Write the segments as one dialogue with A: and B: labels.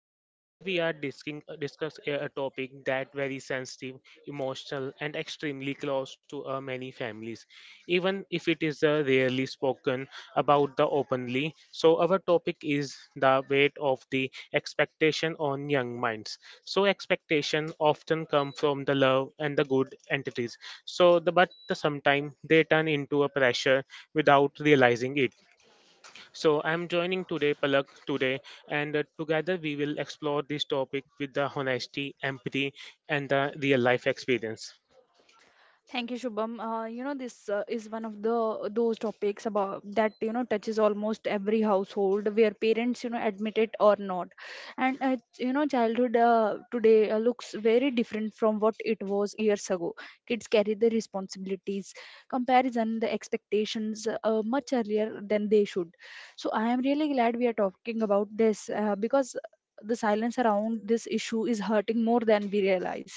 A: So today we are discussing discuss a topic that very sensitive, emotional, and extremely close to many families, even if it is rarely spoken about the openly. So our topic is the weight of the expectation on young minds. So expectation often come from the love and the good entities. So the but the sometimes they turn into a pressure without realizing it so I'm joining today Palak today, and together we will explore this topic with the honesty, empathy, and the real life experience.
B: Thank you, Shubham. This is one of the those topics about that you know touches almost every household, where parents admit it or not, and childhood today looks very different from what it was years ago. Kids carry the responsibilities, comparison, the expectations much earlier than they should. So I am really glad we are talking about this because the silence around this issue is hurting more than we realize.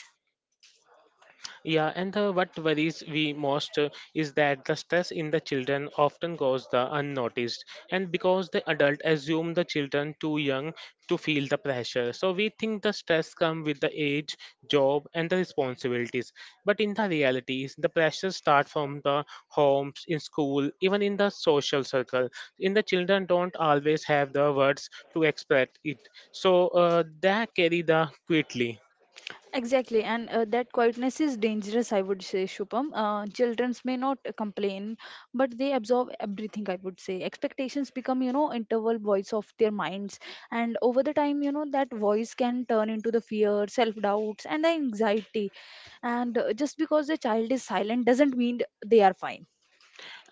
A: Yeah, and the, what worries we most is that the stress in the children often goes the unnoticed, and because the adult assume the children too young to feel the pressure. So we think the stress come with the age, job, and the responsibilities. But in the realities, the pressure start from the homes, in school, even in the social circle. In the children don't always have the words to express it, so they carry the quietly.
B: Exactly, and that quietness is dangerous, I would say, Shubham. Children may not complain, but they absorb everything, I would say. Expectations become, interval voice of their minds, and over the time, that voice can turn into the fear, self doubts, and the anxiety. And just because the child is silent doesn't mean they are fine.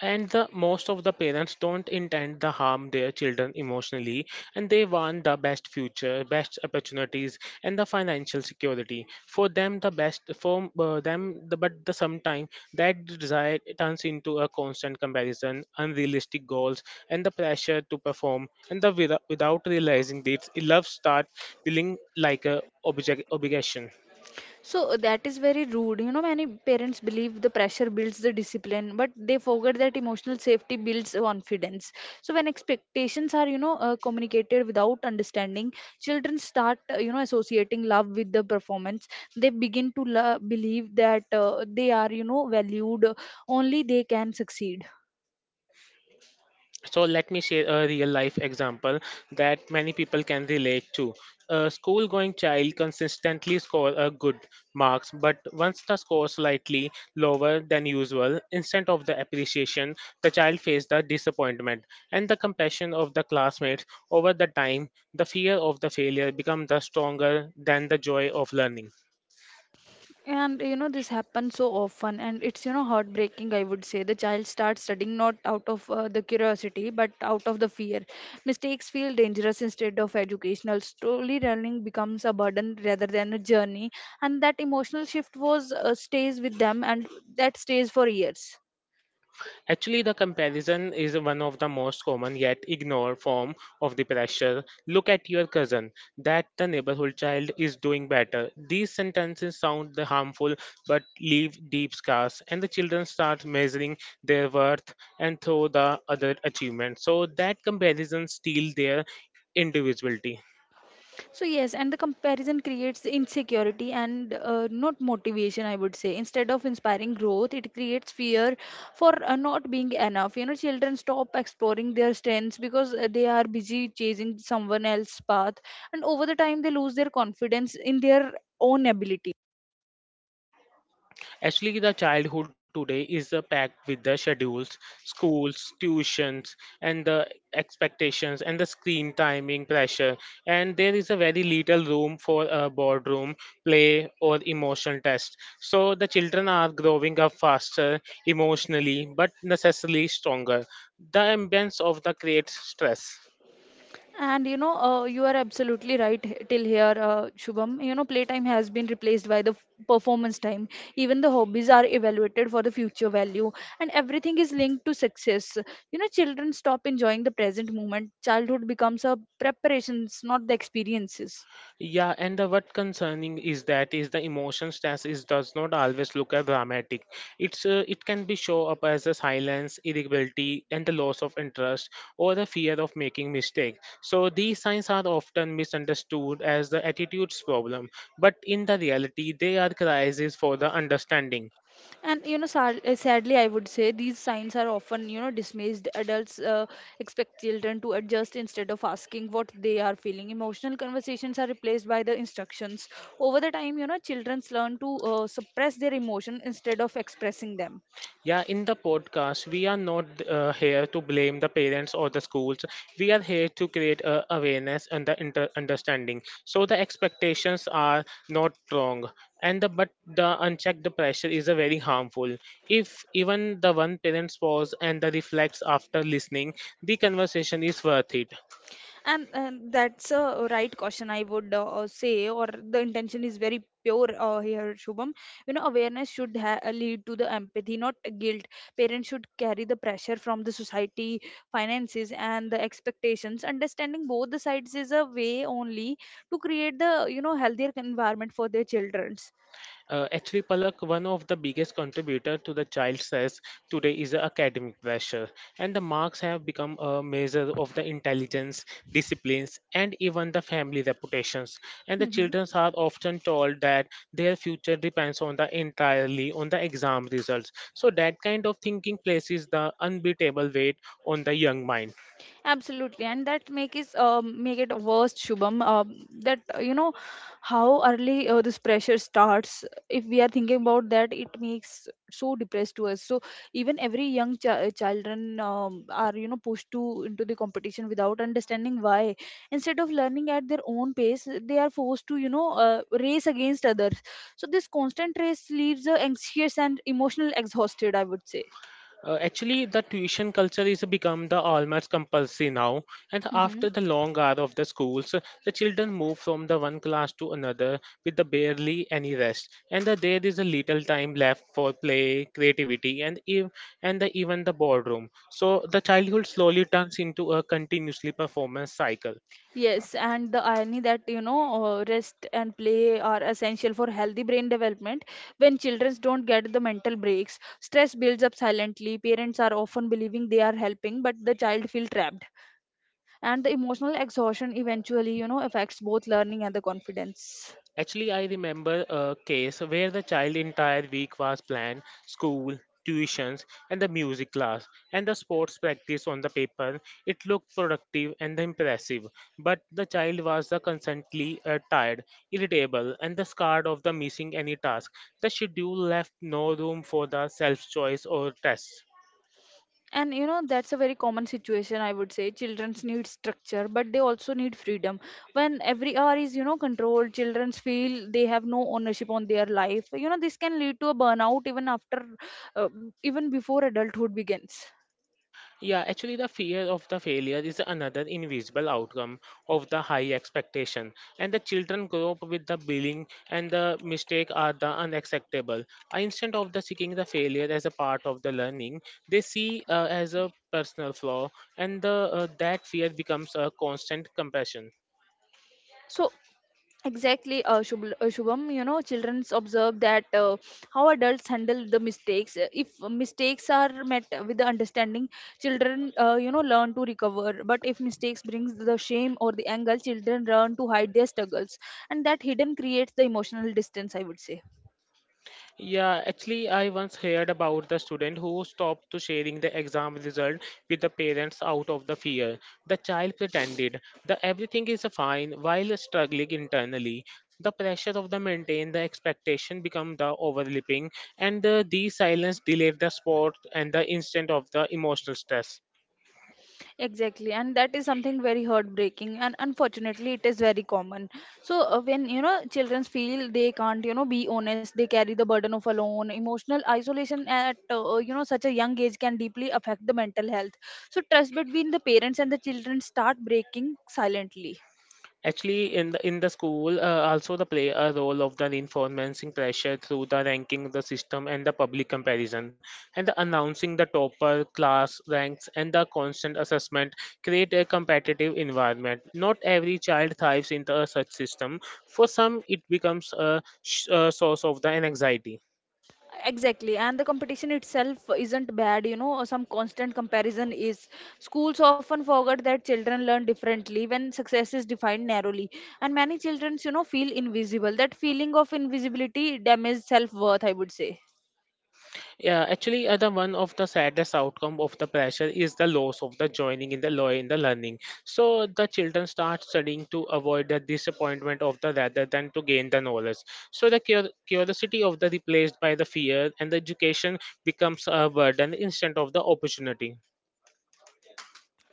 A: And the most of the parents don't intend to harm their children emotionally and they want the best future best opportunities and the financial security for them the best for them the, but the sometimes that desire turns into a constant comparison unrealistic goals and the pressure to perform and the without realizing this love starts feeling like a object obligation
B: So that is very rude. You know, many parents believe the pressure builds the discipline, but they forget that emotional safety builds confidence. So when expectations are, communicated without understanding, children start, associating love with the performance. They begin to believe that they are, valued. Only they can succeed.
A: so let me share a real life example that many people can relate to a school going child consistently score a good marks but once the score slightly lower than usual instead of the appreciation the child faced the disappointment and the compassion of the classmates over the time the fear of the failure become the stronger than the joy of learning.
B: And you know, this happens so often, and it's heartbreaking. I would say the child starts studying not out of the curiosity but out of the fear. Mistakes feel dangerous instead of educational. Slowly, learning becomes a burden rather than a journey, and that emotional shift was stays with them, and that stays for years.
A: Actually, the comparison is one of the most common yet ignored form of the pressure. Look at your cousin, that the neighborhood child is doing better. These sentences sound the harmful but leave deep scars, and the children start measuring their worth and through the other achievements. So that comparison steals their individuality.
B: So yes, and the comparison creates insecurity and not motivation, I would say. Instead of inspiring growth, it creates fear for not being enough. You know, children stop exploring their strengths because they are busy chasing someone else's path, and over the time they lose their confidence in their own ability.
A: Actually, the childhood today is packed with the schedules, schools, tuitions, and the expectations and the screen timing pressure. And there is a very little room for a boardroom play or emotional test. So the children are growing up faster emotionally, but necessarily stronger. The ambience of the creates stress.
B: And you know, you are absolutely right till here, Shubham. You know, playtime has been replaced by the performance time. Even the hobbies are evaluated for the future value, and everything is linked to success. You know, children stop enjoying the present moment. Childhood becomes a preparations, not the experiences.
A: Yeah, and the what concerning is that is the emotion stress is does not always look as dramatic. It can be show up as a silence, irritability, and the loss of interest or the fear of making mistake. So these signs are often misunderstood as the attitudes problem, but in the reality they are crises for the understanding.
B: And you know, sadly, I would say these signs are often, dismissed. Adults expect children to adjust instead of asking what they are feeling. Emotional conversations are replaced by the instructions. Over the time, children learn to suppress their emotion instead of expressing them.
A: Yeah, in the podcast, we are not here to blame the parents or the schools. We are here to create awareness and the understanding. So the expectations are not wrong, and the but the unchecked pressure is a very harmful. If even the one parent pause and the reflects after listening, the conversation is worth it.
B: And that's a right caution I would say, or the intention is very pure here, Shubham. You know, awareness should lead to the empathy, not guilt. Parents should carry the pressure from the society, finances, and the expectations. Understanding both the sides is a way only to create the healthier environment for their children.
A: Actually, Palak, one of the biggest contributor to the child stress today is the academic pressure, and the marks have become a measure of the intelligence, disciplines, and even the family reputations. And the children are often told that their future depends on the entirely on the exam results. So that kind of thinking places the unbeatable weight on the young mind.
B: Absolutely, and that make it worse, Shubham. That how early this pressure starts. If we are thinking about that, it makes so depressed to us. So even every young children are pushed to into the competition without understanding why. Instead of learning at their own pace, they are forced to race against others. So this constant race leaves anxious and emotional exhausted. I would say.
A: Actually, the tuition culture is become the almost compulsory now, and
B: Mm-hmm.
A: after the long hour of the schools, the children move from the one class to another with the barely any rest, and the, there is a little time left for play, creativity, and and the, even the boardroom. So the childhood slowly turns into a continuously performance cycle.
B: Yes, and the irony that rest and play are essential for healthy brain development. When children don't get the mental breaks, stress builds up silently. Parents are often believing they are helping, but the child feels trapped. And the emotional exhaustion eventually, affects both learning and the confidence.
A: Actually, I remember a case where the child entire week was planned, school, tuitions, and the music class, and the sports practice on the paper. It looked productive and impressive, but the child was the constantly tired, irritable, and the scarred of the missing any task. The schedule left no room for the self-choice or tests.
B: And that's a very common situation. I would say children's need structure but they also need freedom. When every hour is controlled, children's feel they have no ownership on their life. This can lead to a burnout even after uh, even before adulthood begins.
A: Yeah, actually, the fear of the failure is another invisible outcome of the high expectation, and the children grow up with the billing and the mistake are the unacceptable. Instead of the seeking the failure as a part of the learning, they see as a personal flaw, and the, that fear becomes a constant compassion.
B: So exactly, Shubham. You know, children observe that how adults handle the mistakes. If mistakes are met with the understanding, children, learn to recover. But if mistakes brings the shame or the anger, children learn to hide their struggles, and that hidden creates the emotional distance. I would say.
A: Yeah, actually, I once heard about the student who stopped to sharing the exam result with the parents out of the fear. The child pretended that everything is fine while struggling internally. The pressure of the maintain the expectation become the overlapping, and the silence delayed the sport and the instant of the emotional stress.
B: Exactly, and that is something very heartbreaking, and unfortunately, it is very common. So when children feel they can't, be honest, they carry the burden of alone. Emotional isolation at such a young age can deeply affect the mental health. So trust between the parents and the children start breaking silently.
A: Actually, in the school, also the play a role of the reinforcing pressure through the ranking the system and the public comparison, and the announcing the topper class ranks and the constant assessment create a competitive environment. Not every child thrives in the such system. For some, it becomes a, a source of the anxiety.
B: Exactly, and the competition itself isn't bad, you know, some constant comparison is. Schools often forget that children learn differently when success is defined narrowly, and many children, feel invisible. That feeling of invisibility damages self worth, I would say.
A: Yeah, actually, the one of the saddest outcome of the pressure is the loss of the joining in the law in the learning. So the children start studying to avoid the disappointment of the rather than to gain the knowledge. So the curiosity of the replaced by the fear, and the education becomes a burden instead of the opportunity.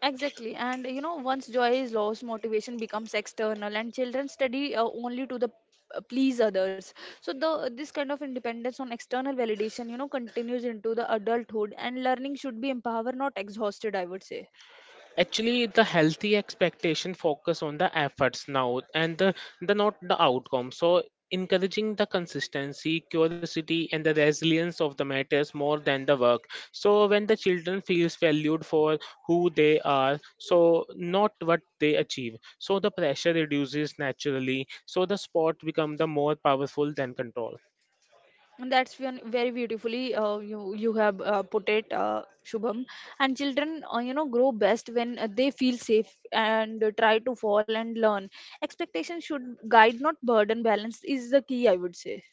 B: Exactly, and you know, once joy is lost, motivation becomes external, and children study only to the please others. So the this kind of independence on external validation continues into the adulthood, and learning should be empowered, not exhausted. I would say.
A: Actually the healthy expectation focus on the efforts now and the not the outcome so encouraging the consistency curiosity and the resilience of the matters more than the work so when the children feels valued for who they are so not what they achieve so the pressure reduces naturally so the sport become the more powerful than control.
B: And that's when very beautifully you have put it, Shubham. And children, grow best when they feel safe and try to fall and learn. Expectation should guide, not burden. Balance is the key, I would say.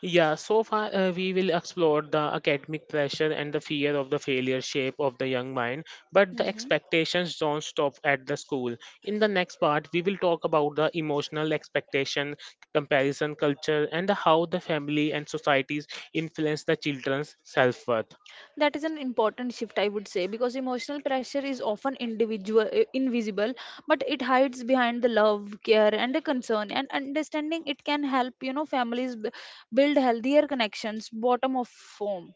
A: Yeah, so far we will explore the academic pressure and the fear of the failure shape of the young mind, but the
B: Mhm.
A: expectations don't stop at the school. In the next part, we will talk about the emotional expectation, comparison culture, and how the family and societies influence the children's self worth.
B: That is an important shift, I would say, because emotional pressure is often individual, invisible, but it hides behind the love, care, and the concern. And understanding it can help, families build healthier connections, bottom of home.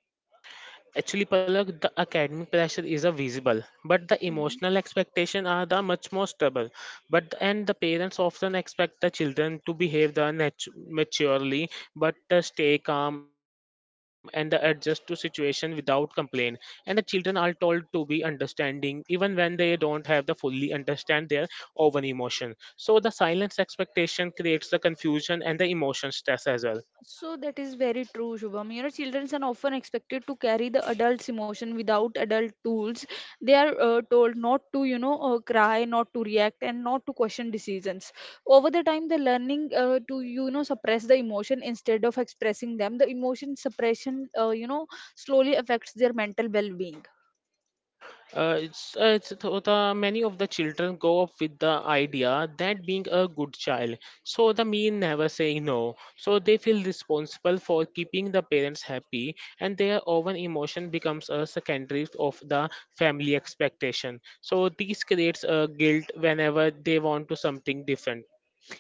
A: Actually, Palak, the academic pressure is a visible, but the
B: Mhm.
A: emotional expectation are the much more stable. But and the parents often expect the children to behave the maturely, but stay calm and the adjust to situation without complaint. And the children are told to be understanding even when they don't have the fully understand their own emotion. So the silence expectation creates the confusion and the emotion stress as well.
B: So that is very true, Shubham. You know, children are often expected to carry the adult's emotion without adult tools. They are told not to, cry, not to react, and not to question decisions. Over the time, the learning suppress the emotion instead of expressing them. The emotion suppression, slowly affects their mental well-being.
A: The many of the children grow up with the idea that being a good child so the mean never saying no so they feel responsible for keeping the parents happy and their own emotion becomes a secondary of the family expectation so this creates a guilt whenever they want to something different.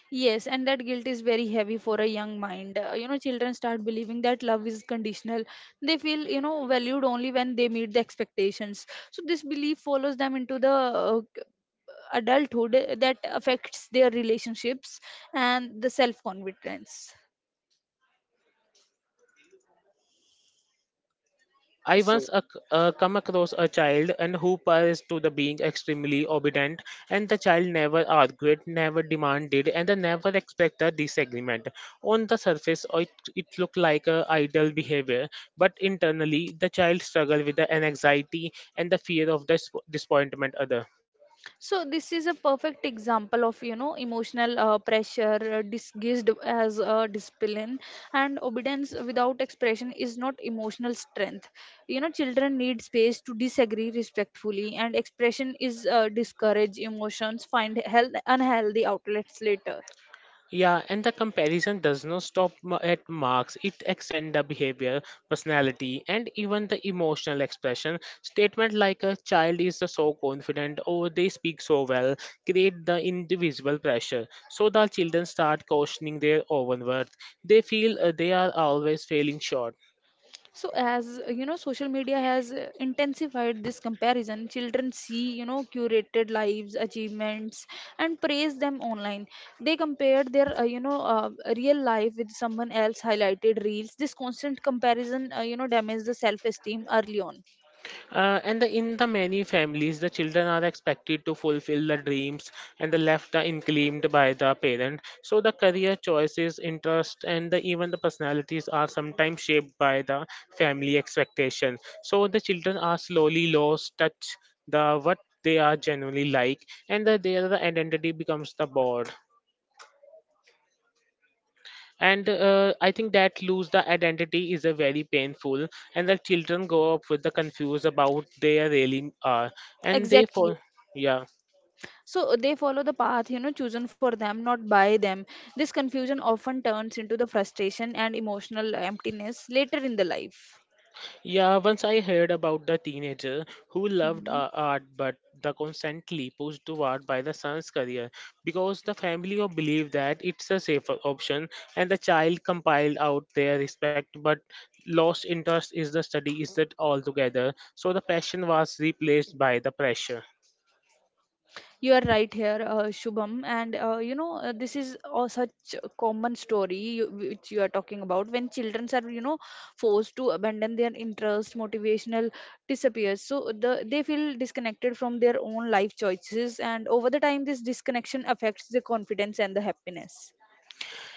B: Yes, and that guilt is very heavy for a young mind. You know, children start believing that love is conditional. They feel, valued only when they meet the expectations. So this belief follows them into the adulthood that affects their relationships and the self confidence.
A: I once
B: So.
A: ac- uh, come across a child and who passed to the being extremely obedient, and the child never argued, never demanded, and they never expected a disagreement. On the surface, it looked like a idle behavior, but internally, the child struggled with the anxiety and the fear of disappointment. Other.
B: So this is a perfect example of emotional pressure disguised as a discipline, and obedience without expression is not emotional strength. You know, children need space to disagree respectfully, and expression is discourage emotions find health unhealthy outlets later.
A: Yeah, and the comparison does not stop at marks. It extends the behavior, personality, and even the emotional expression. Statement like a child is so confident or they speak so well create the individual pressure. So the children start questioning their own worth. They feel they are always failing short.
B: So as social media has intensified this comparison, children see curated lives, achievements, and praise them online. They compare their real life with someone else highlighted reels. This constant comparison damages the self esteem early on.
A: And the, in the many families, the children are expected to fulfill the dreams and the left are unclaimed by the parent. So the career choices, interest, and the, even the personalities are sometimes shaped by the family expectation. So the children are slowly lost touch the what they are genuinely like, and the, their identity becomes the board and I think that lose the identity is a very painful and the children grow up with the confused about they really are and they
B: Exactly.
A: fall yeah
B: So they follow the path chosen for them, not by them. This confusion often turns into the frustration and emotional emptiness later in the life.
A: yeah once I heard about the teenager who loved
B: Mhm.
A: art but the constantly pushed toward by the son's career because the family or believe that it's a safer option and the child compiled out their respect but lost interest is the study is that altogether so the passion was replaced by the pressure.
B: You are right here, Shubham, and this is such a common story which you are talking about. When children are forced to abandon their interest, motivational disappears. So the they feel disconnected from their own life choices, and over the time, this disconnection affects their confidence and the happiness.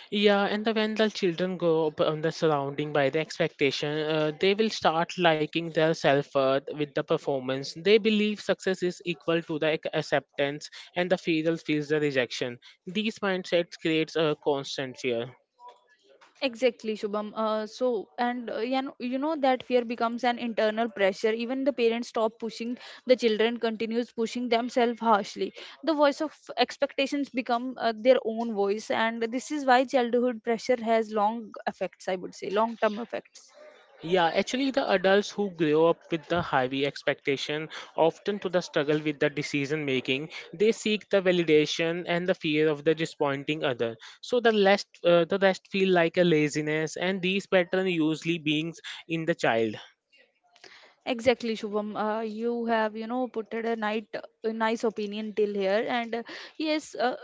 A: Yeah, and the, when the children grow up on the surrounding by the expectation, they will start liking their self worth with the performance. They believe success is equal to the acceptance, and the fear feels the rejection. These mindsets creates a constant fear.
B: Exactly, Shubham. So, and you know that fear becomes an internal pressure. Even the parents stop pushing the children, continues pushing themselves harshly. The voice of expectations become their own voice, and this is why childhood pressure has long effects. I would say long-term effects.
A: Yeah, actually, the adults who grow up with the heavy expectation often to the struggle with the decision making, they seek the validation and the fear of the disappointing other. So the rest feel like a laziness, and these patterns usually beings in the child.
B: Exactly, Shubham. You have, put it a night, a nice opinion till here. And yes,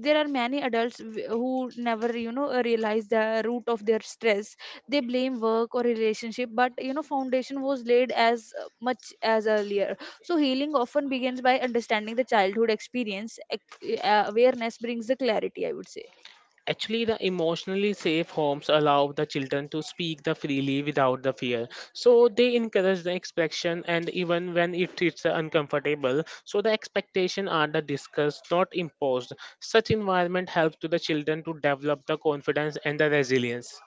B: there are many adults who never, realize the root of their stress. They blame work or relationship, but foundation was laid as much as earlier. So healing often begins by understanding the childhood experience. Awareness brings the clarity, I would say.
A: Actually, the emotionally safe homes allow the children to speak the freely without the fear. So they encourage the expression, and even when it is uncomfortable, so the expectation are the discussed, not imposed. Such environment helps to the children to develop the confidence and the resilience.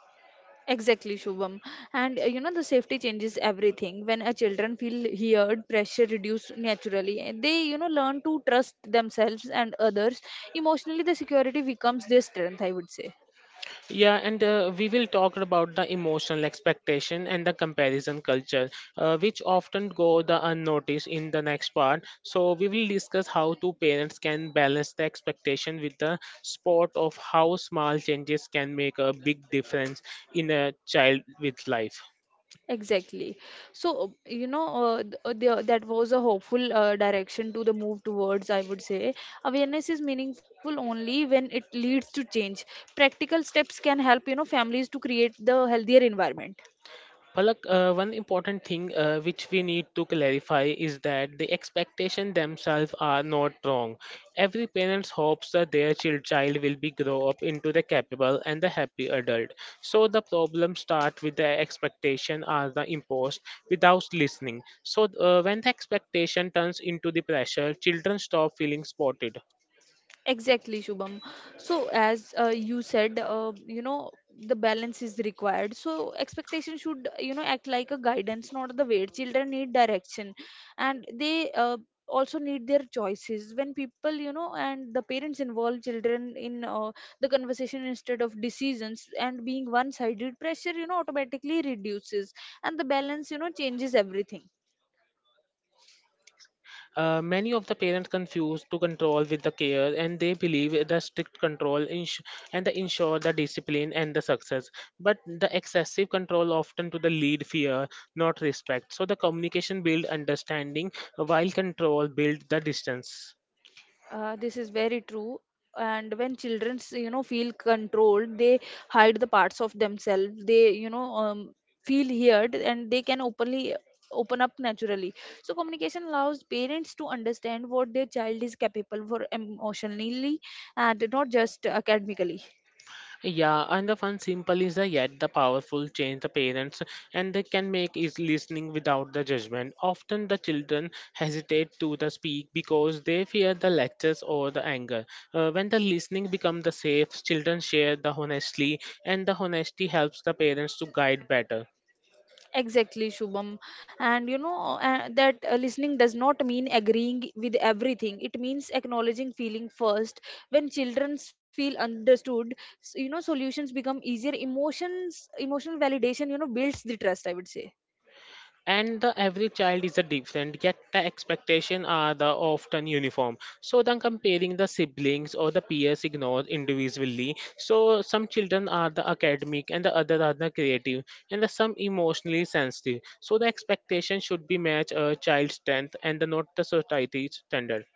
B: Exactly, Shubham. And the safety changes everything. When a children feel heard, pressure reduced naturally. And They, learn to trust themselves and others. Emotionally, the security becomes their strength, I would say.
A: Yeah, and we will talk about the emotional expectation and the comparison culture, which often go the unnoticed in the next part. So we will discuss how two parents can balance the expectation with the spot of how small changes can make a big difference in a child with life.
B: Exactly. So, that was a hopeful direction to the move towards, I would say. Awareness is meaningful only when it leads to change. Practical steps can help, families to create the healthier environment.
A: Palak, one important thing which we need to clarify is that the expectation themselves are not wrong. Every parent hopes that their child will be grow up into the capable and the happy adult. So the problem start with the expectation are the imposed without listening. So when the expectation turns into the pressure, children stop feeling supported.
B: Exactly, Shubham. So, as you said, the balance is required. So, expectation should, act like a guidance, not the weight. Children need direction and they also need their choices. When people, and the parents involve children in the conversation instead of decisions and being one sided, pressure, automatically reduces and the balance, changes everything.
A: Many of the parents confuse to control with the care, and they believe the strict control and the ensure the discipline and the success. But the excessive control often to the lead fear, not respect. So the communication build understanding, while control build the distance.
B: This is very true. And when children, feel controlled, they hide the parts of themselves. Feel heard and they can open up naturally. So communication allows parents to understand what their child is capable for emotionally and not just academically.
A: Yeah, and the fun simple is the yet the powerful change the parents and they can make is listening without the judgment. Often the children hesitate to the speak because they fear the lectures or the anger. When the listening become the safe, children share the honestly and the honesty helps the parents to guide better.
B: Exactly, Shubham. And you know that listening does not mean agreeing with everything. It means acknowledging feeling first. When children feel understood, solutions become easier. Emotional validation, builds the trust. I would say.
A: And the every child is a different yet the expectations are the often uniform. So then comparing the siblings or the peers ignored individually. So some children are the academic and the other are the creative and the some emotionally sensitive. So the expectation should be match a child's strength and the not the society's standard.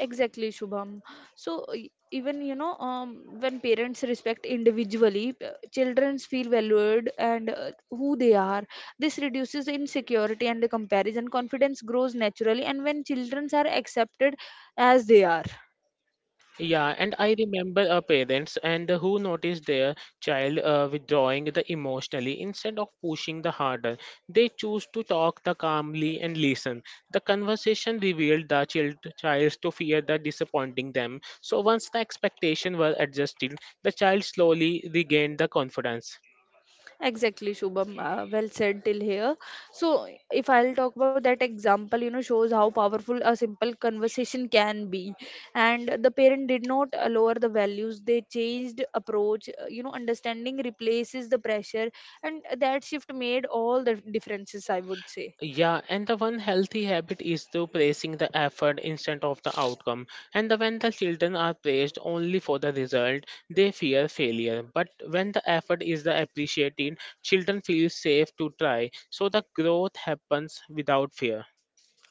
B: Exactly, Shubham. So even when parents respect individually, children feel valued and who they are. This reduces insecurity and the comparison. Confidence grows naturally, and when children are accepted as they are.
A: Yeah, and I remember parents and who noticed their child withdrawing the emotionally instead of pushing the harder. They choose to talk the calmly and listen. The conversation revealed the child's to fear that disappointing them. So once the expectation were adjusted, the child slowly regained the confidence.
B: Exactly, Shubham. Well said till here. So, if I'll talk about that example, shows how powerful a simple conversation can be. And the parent did not lower the values, they changed approach. Understanding replaces the pressure, and that shift made all the differences, I would say.
A: Yeah, and the one healthy habit is to praising the effort instead of the outcome. And the, when the children are praised only for the result, they fear failure. But when the effort is the appreciated, children feel safe to try. So the growth happens without fear.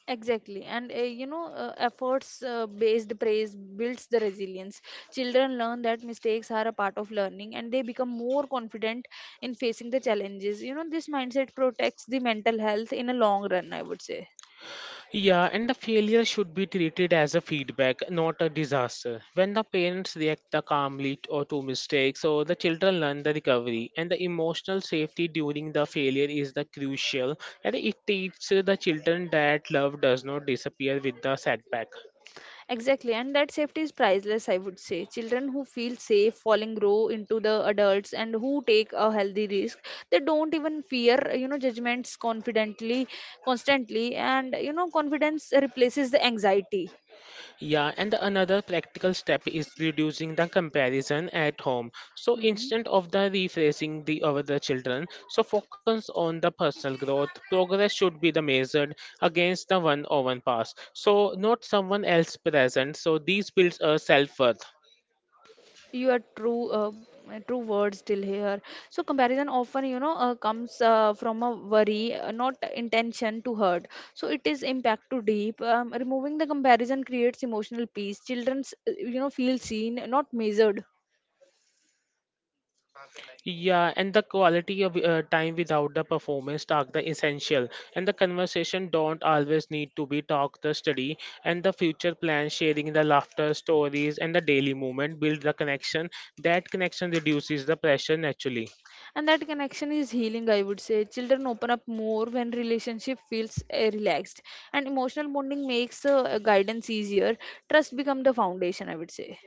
B: Exactly, and efforts based praise builds the resilience. Children learn that mistakes are a part of learning and they become more confident in facing the challenges. You know, this mindset protects the mental health in a long run, I would say.
A: Yeah, and the failure should be treated as a feedback, not a disaster. When the parents react the calmly or to mistakes, or the children learn the recovery, and the emotional safety during the failure is the crucial, and it teaches the children that love does not disappear with the setback.
B: Exactly, and that safety is priceless, I would say. Children who feel safe falling grow into the adults and who take a healthy risk. They don't even fear, judgments confidently, constantly, and you know, confidence replaces the anxiety.
A: Yeah, and the another practical step is reducing the comparison at home. So
B: Mm-hmm.
A: instead of the refreshing the other children, so focus on the personal growth. Progress should be the measured against the one on past. So not someone else present. So these builds a self-worth.
B: You are true, true words still here. So comparison often, comes from a worry, not intention to hurt. So it is impact too deep. Removing the comparison creates emotional peace. Children's, feel seen not measured.
A: Yeah, and the quality of time without the performance talk the essential. And the conversation don't always need to be talk the study and the future plan sharing the laughter stories and the daily movement build the connection. That connection reduces the pressure naturally.
B: And that connection is healing, I would say. Children open up more when relationship feels relaxed, and emotional bonding makes guidance easier. Trust become the foundation, I would say.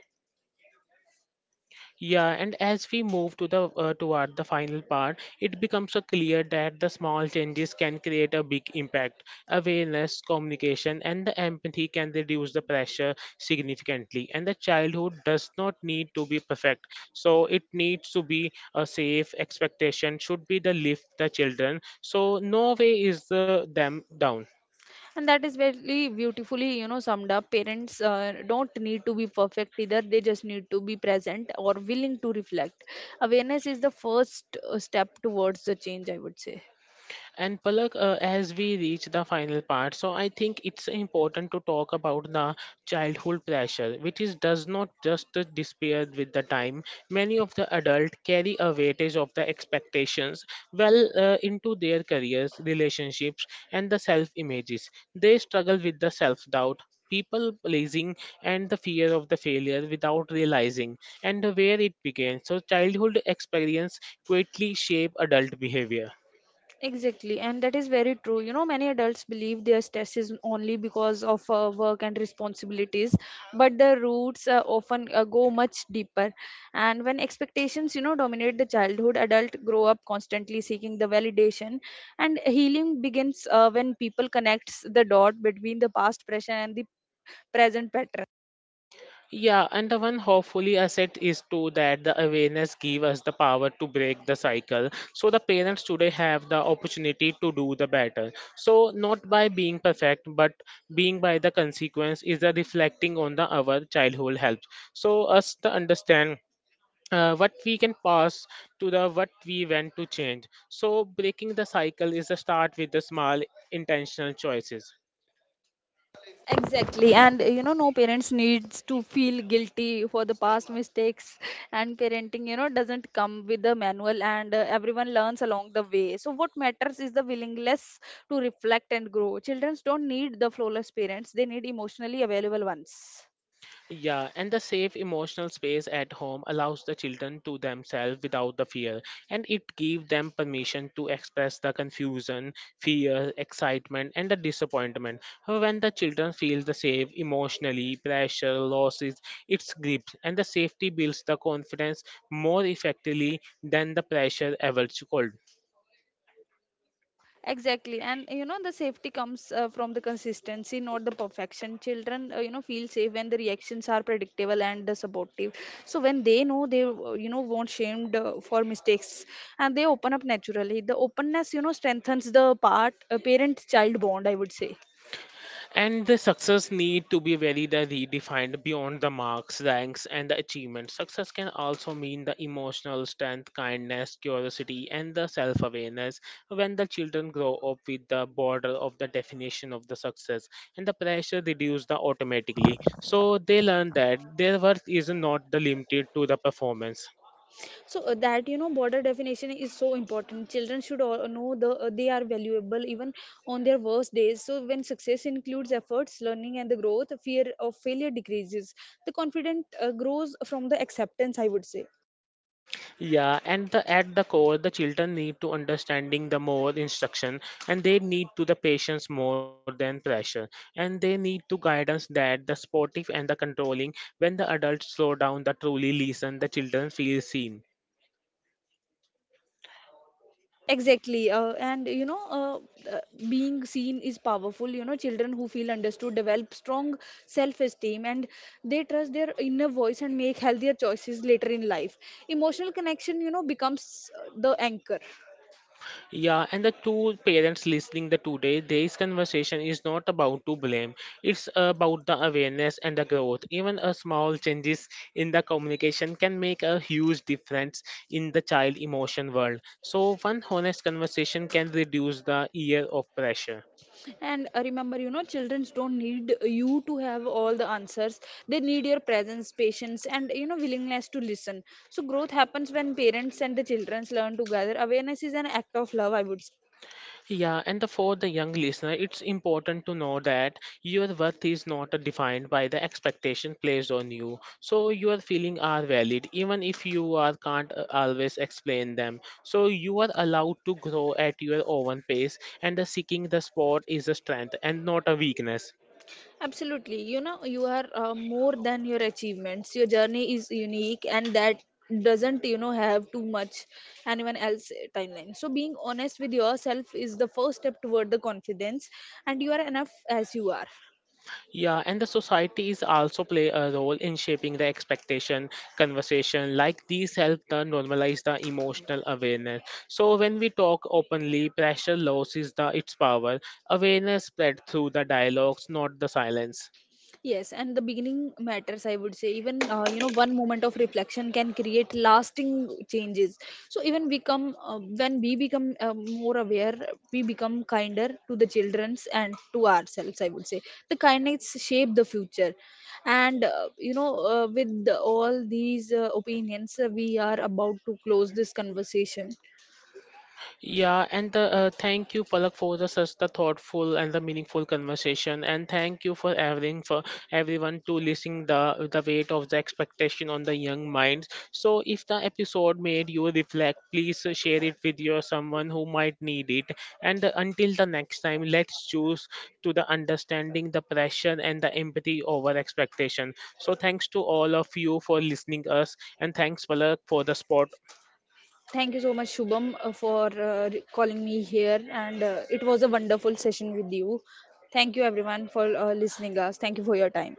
A: Yeah, and as we move to the toward the final part, it becomes clear that the small changes can create a big impact. Awareness, communication, and the empathy can reduce the pressure significantly. And the childhood does not need to be perfect, so it needs to be a safe expectation. Should be the lift the children, so no way is the them down.
B: And that is very beautifully, you know, summed up. Parents don't need to be perfect either. They just need to be present or willing to reflect. Awareness is the first step towards the change, I would say.
A: And Palak, as we reach the final part, so I think it's important to talk about the childhood pressure, which is does not just disappear with the time. Many of the adult carry a weightage of the expectations well into their careers, relationships, and the self images. They struggle with the self doubt. People pleasing and the fear of the failure without realizing and where it began. So, childhood experience quietly shape adult behavior.
B: Exactly, and that is very true. You know, many adults believe their stress is only because of work and responsibilities, but the roots often go much deeper. And when expectations, dominate the childhood, adult grow up constantly seeking the validation, and healing begins when people connects the dot between the past pressure and the present pattern.
A: Yeah, and the one hopefully asset is too that the awareness give us the power to break the cycle. So the parents today have the opportunity to do the better. So not by being perfect, but being by the consequence is the reflecting on the our childhood help. So us to understand what we can pass to the what we want to change. So breaking the cycle is a start with the small intentional choices.
B: Exactly, and no parents needs to feel guilty for the past mistakes, and parenting, doesn't come with a manual, and everyone learns along the way. So, what matters is the willingness to reflect and grow. Children don't need the flawless parents; they need emotionally available ones.
A: Yeah, and the safe emotional space at home allows the children to themselves without the fear, and it gives them permission to express the confusion, fear, excitement, and the disappointment. When the children feel the safe emotionally, pressure losses its grip, and the safety builds the confidence more effectively than the pressure ever could.
B: Exactly. And you know, the safety comes from the consistency, not the perfection. Children, feel safe when the reactions are predictable and supportive. So when they know they, won't shamed for mistakes, and they open up naturally. The openness, strengthens the parent child bond, I would say.
A: And the success need to be very the redefined beyond the marks, ranks, and the achievements. Success can also mean the emotional strength, kindness, curiosity, and the self-awareness. When the children grow up with the border of the definition of the success and the pressure reduce the automatically. So they learn that their worth is not the limited to the performance.
B: So that, you know, border definition is so important. Children should all know they are valuable even on their worst days. So when success includes efforts, learning and the growth, fear of failure decreases. The confident grows from the acceptance, I would say.
A: Yeah, and the, at the core, the children need to understanding the more instruction, and they need to the patience more than pressure, and they need to guidance that the sportive and the controlling. When the adults slow down, the truly listen, the children feel seen.
B: Exactly, and you know uh, being seen is powerful. You know, children who feel understood develop strong self esteem, and they trust their inner voice and make healthier choices later in life. Emotional connection, you know, becomes the anchor.
A: Yeah, and the two parents listening the today, this conversation is not about to blame. It's about the awareness and the growth. Even a small changes in the communication can make a huge difference in the child emotion world. So one honest conversation can reduce the year of pressure.
B: And remember, you know, children don't need you to have all the answers. They need your presence, patience, and, you know, willingness to listen. So growth happens when parents and the children learn together. Awareness is an act of love, I would say.
A: Yeah, and the, for the young listener, it's important to know that your worth is not defined by the expectation placed on you. So your feelings are valid, even if you are can't always explain them. So you are allowed to grow at your own pace, and the seeking the spot is a strength and not a weakness.
B: Absolutely. You know, you are more than your achievements. Your journey is unique, and that doesn't, you know, have too much anyone else timeline. So being honest with yourself is the first step toward the confidence, and you are enough as you are.
A: Yeah, and the societies also play a role in shaping the expectation conversation. Like these help the normalize the emotional awareness. So when we talk openly, pressure loses the its power. Awareness spread through the dialogues, not the silence.
B: Yes, and the beginning matters, I would say. Even, one moment of reflection can create lasting changes. So even we come, when we become more aware, we become kinder to the childrens and to ourselves, I would say. The kindness shape the future. And, with the, all these opinions, we are about to close this conversation.
A: Yeah, and the, thank you, Palak, for the such the thoughtful and the meaningful conversation, and thank you for having for everyone to listen the weight of the expectation on the young minds. So, if the episode made you reflect, please share it with your someone who might need it. And until the next time, let's choose to the understanding, the pressure, and the empathy over expectation. So, thanks to all of you for listening us, and thanks, Palak, for the spot
B: Thank you so much, Shubham, for calling me here. And it was a wonderful session with you. Thank you, everyone, for listening us. Thank you for your time.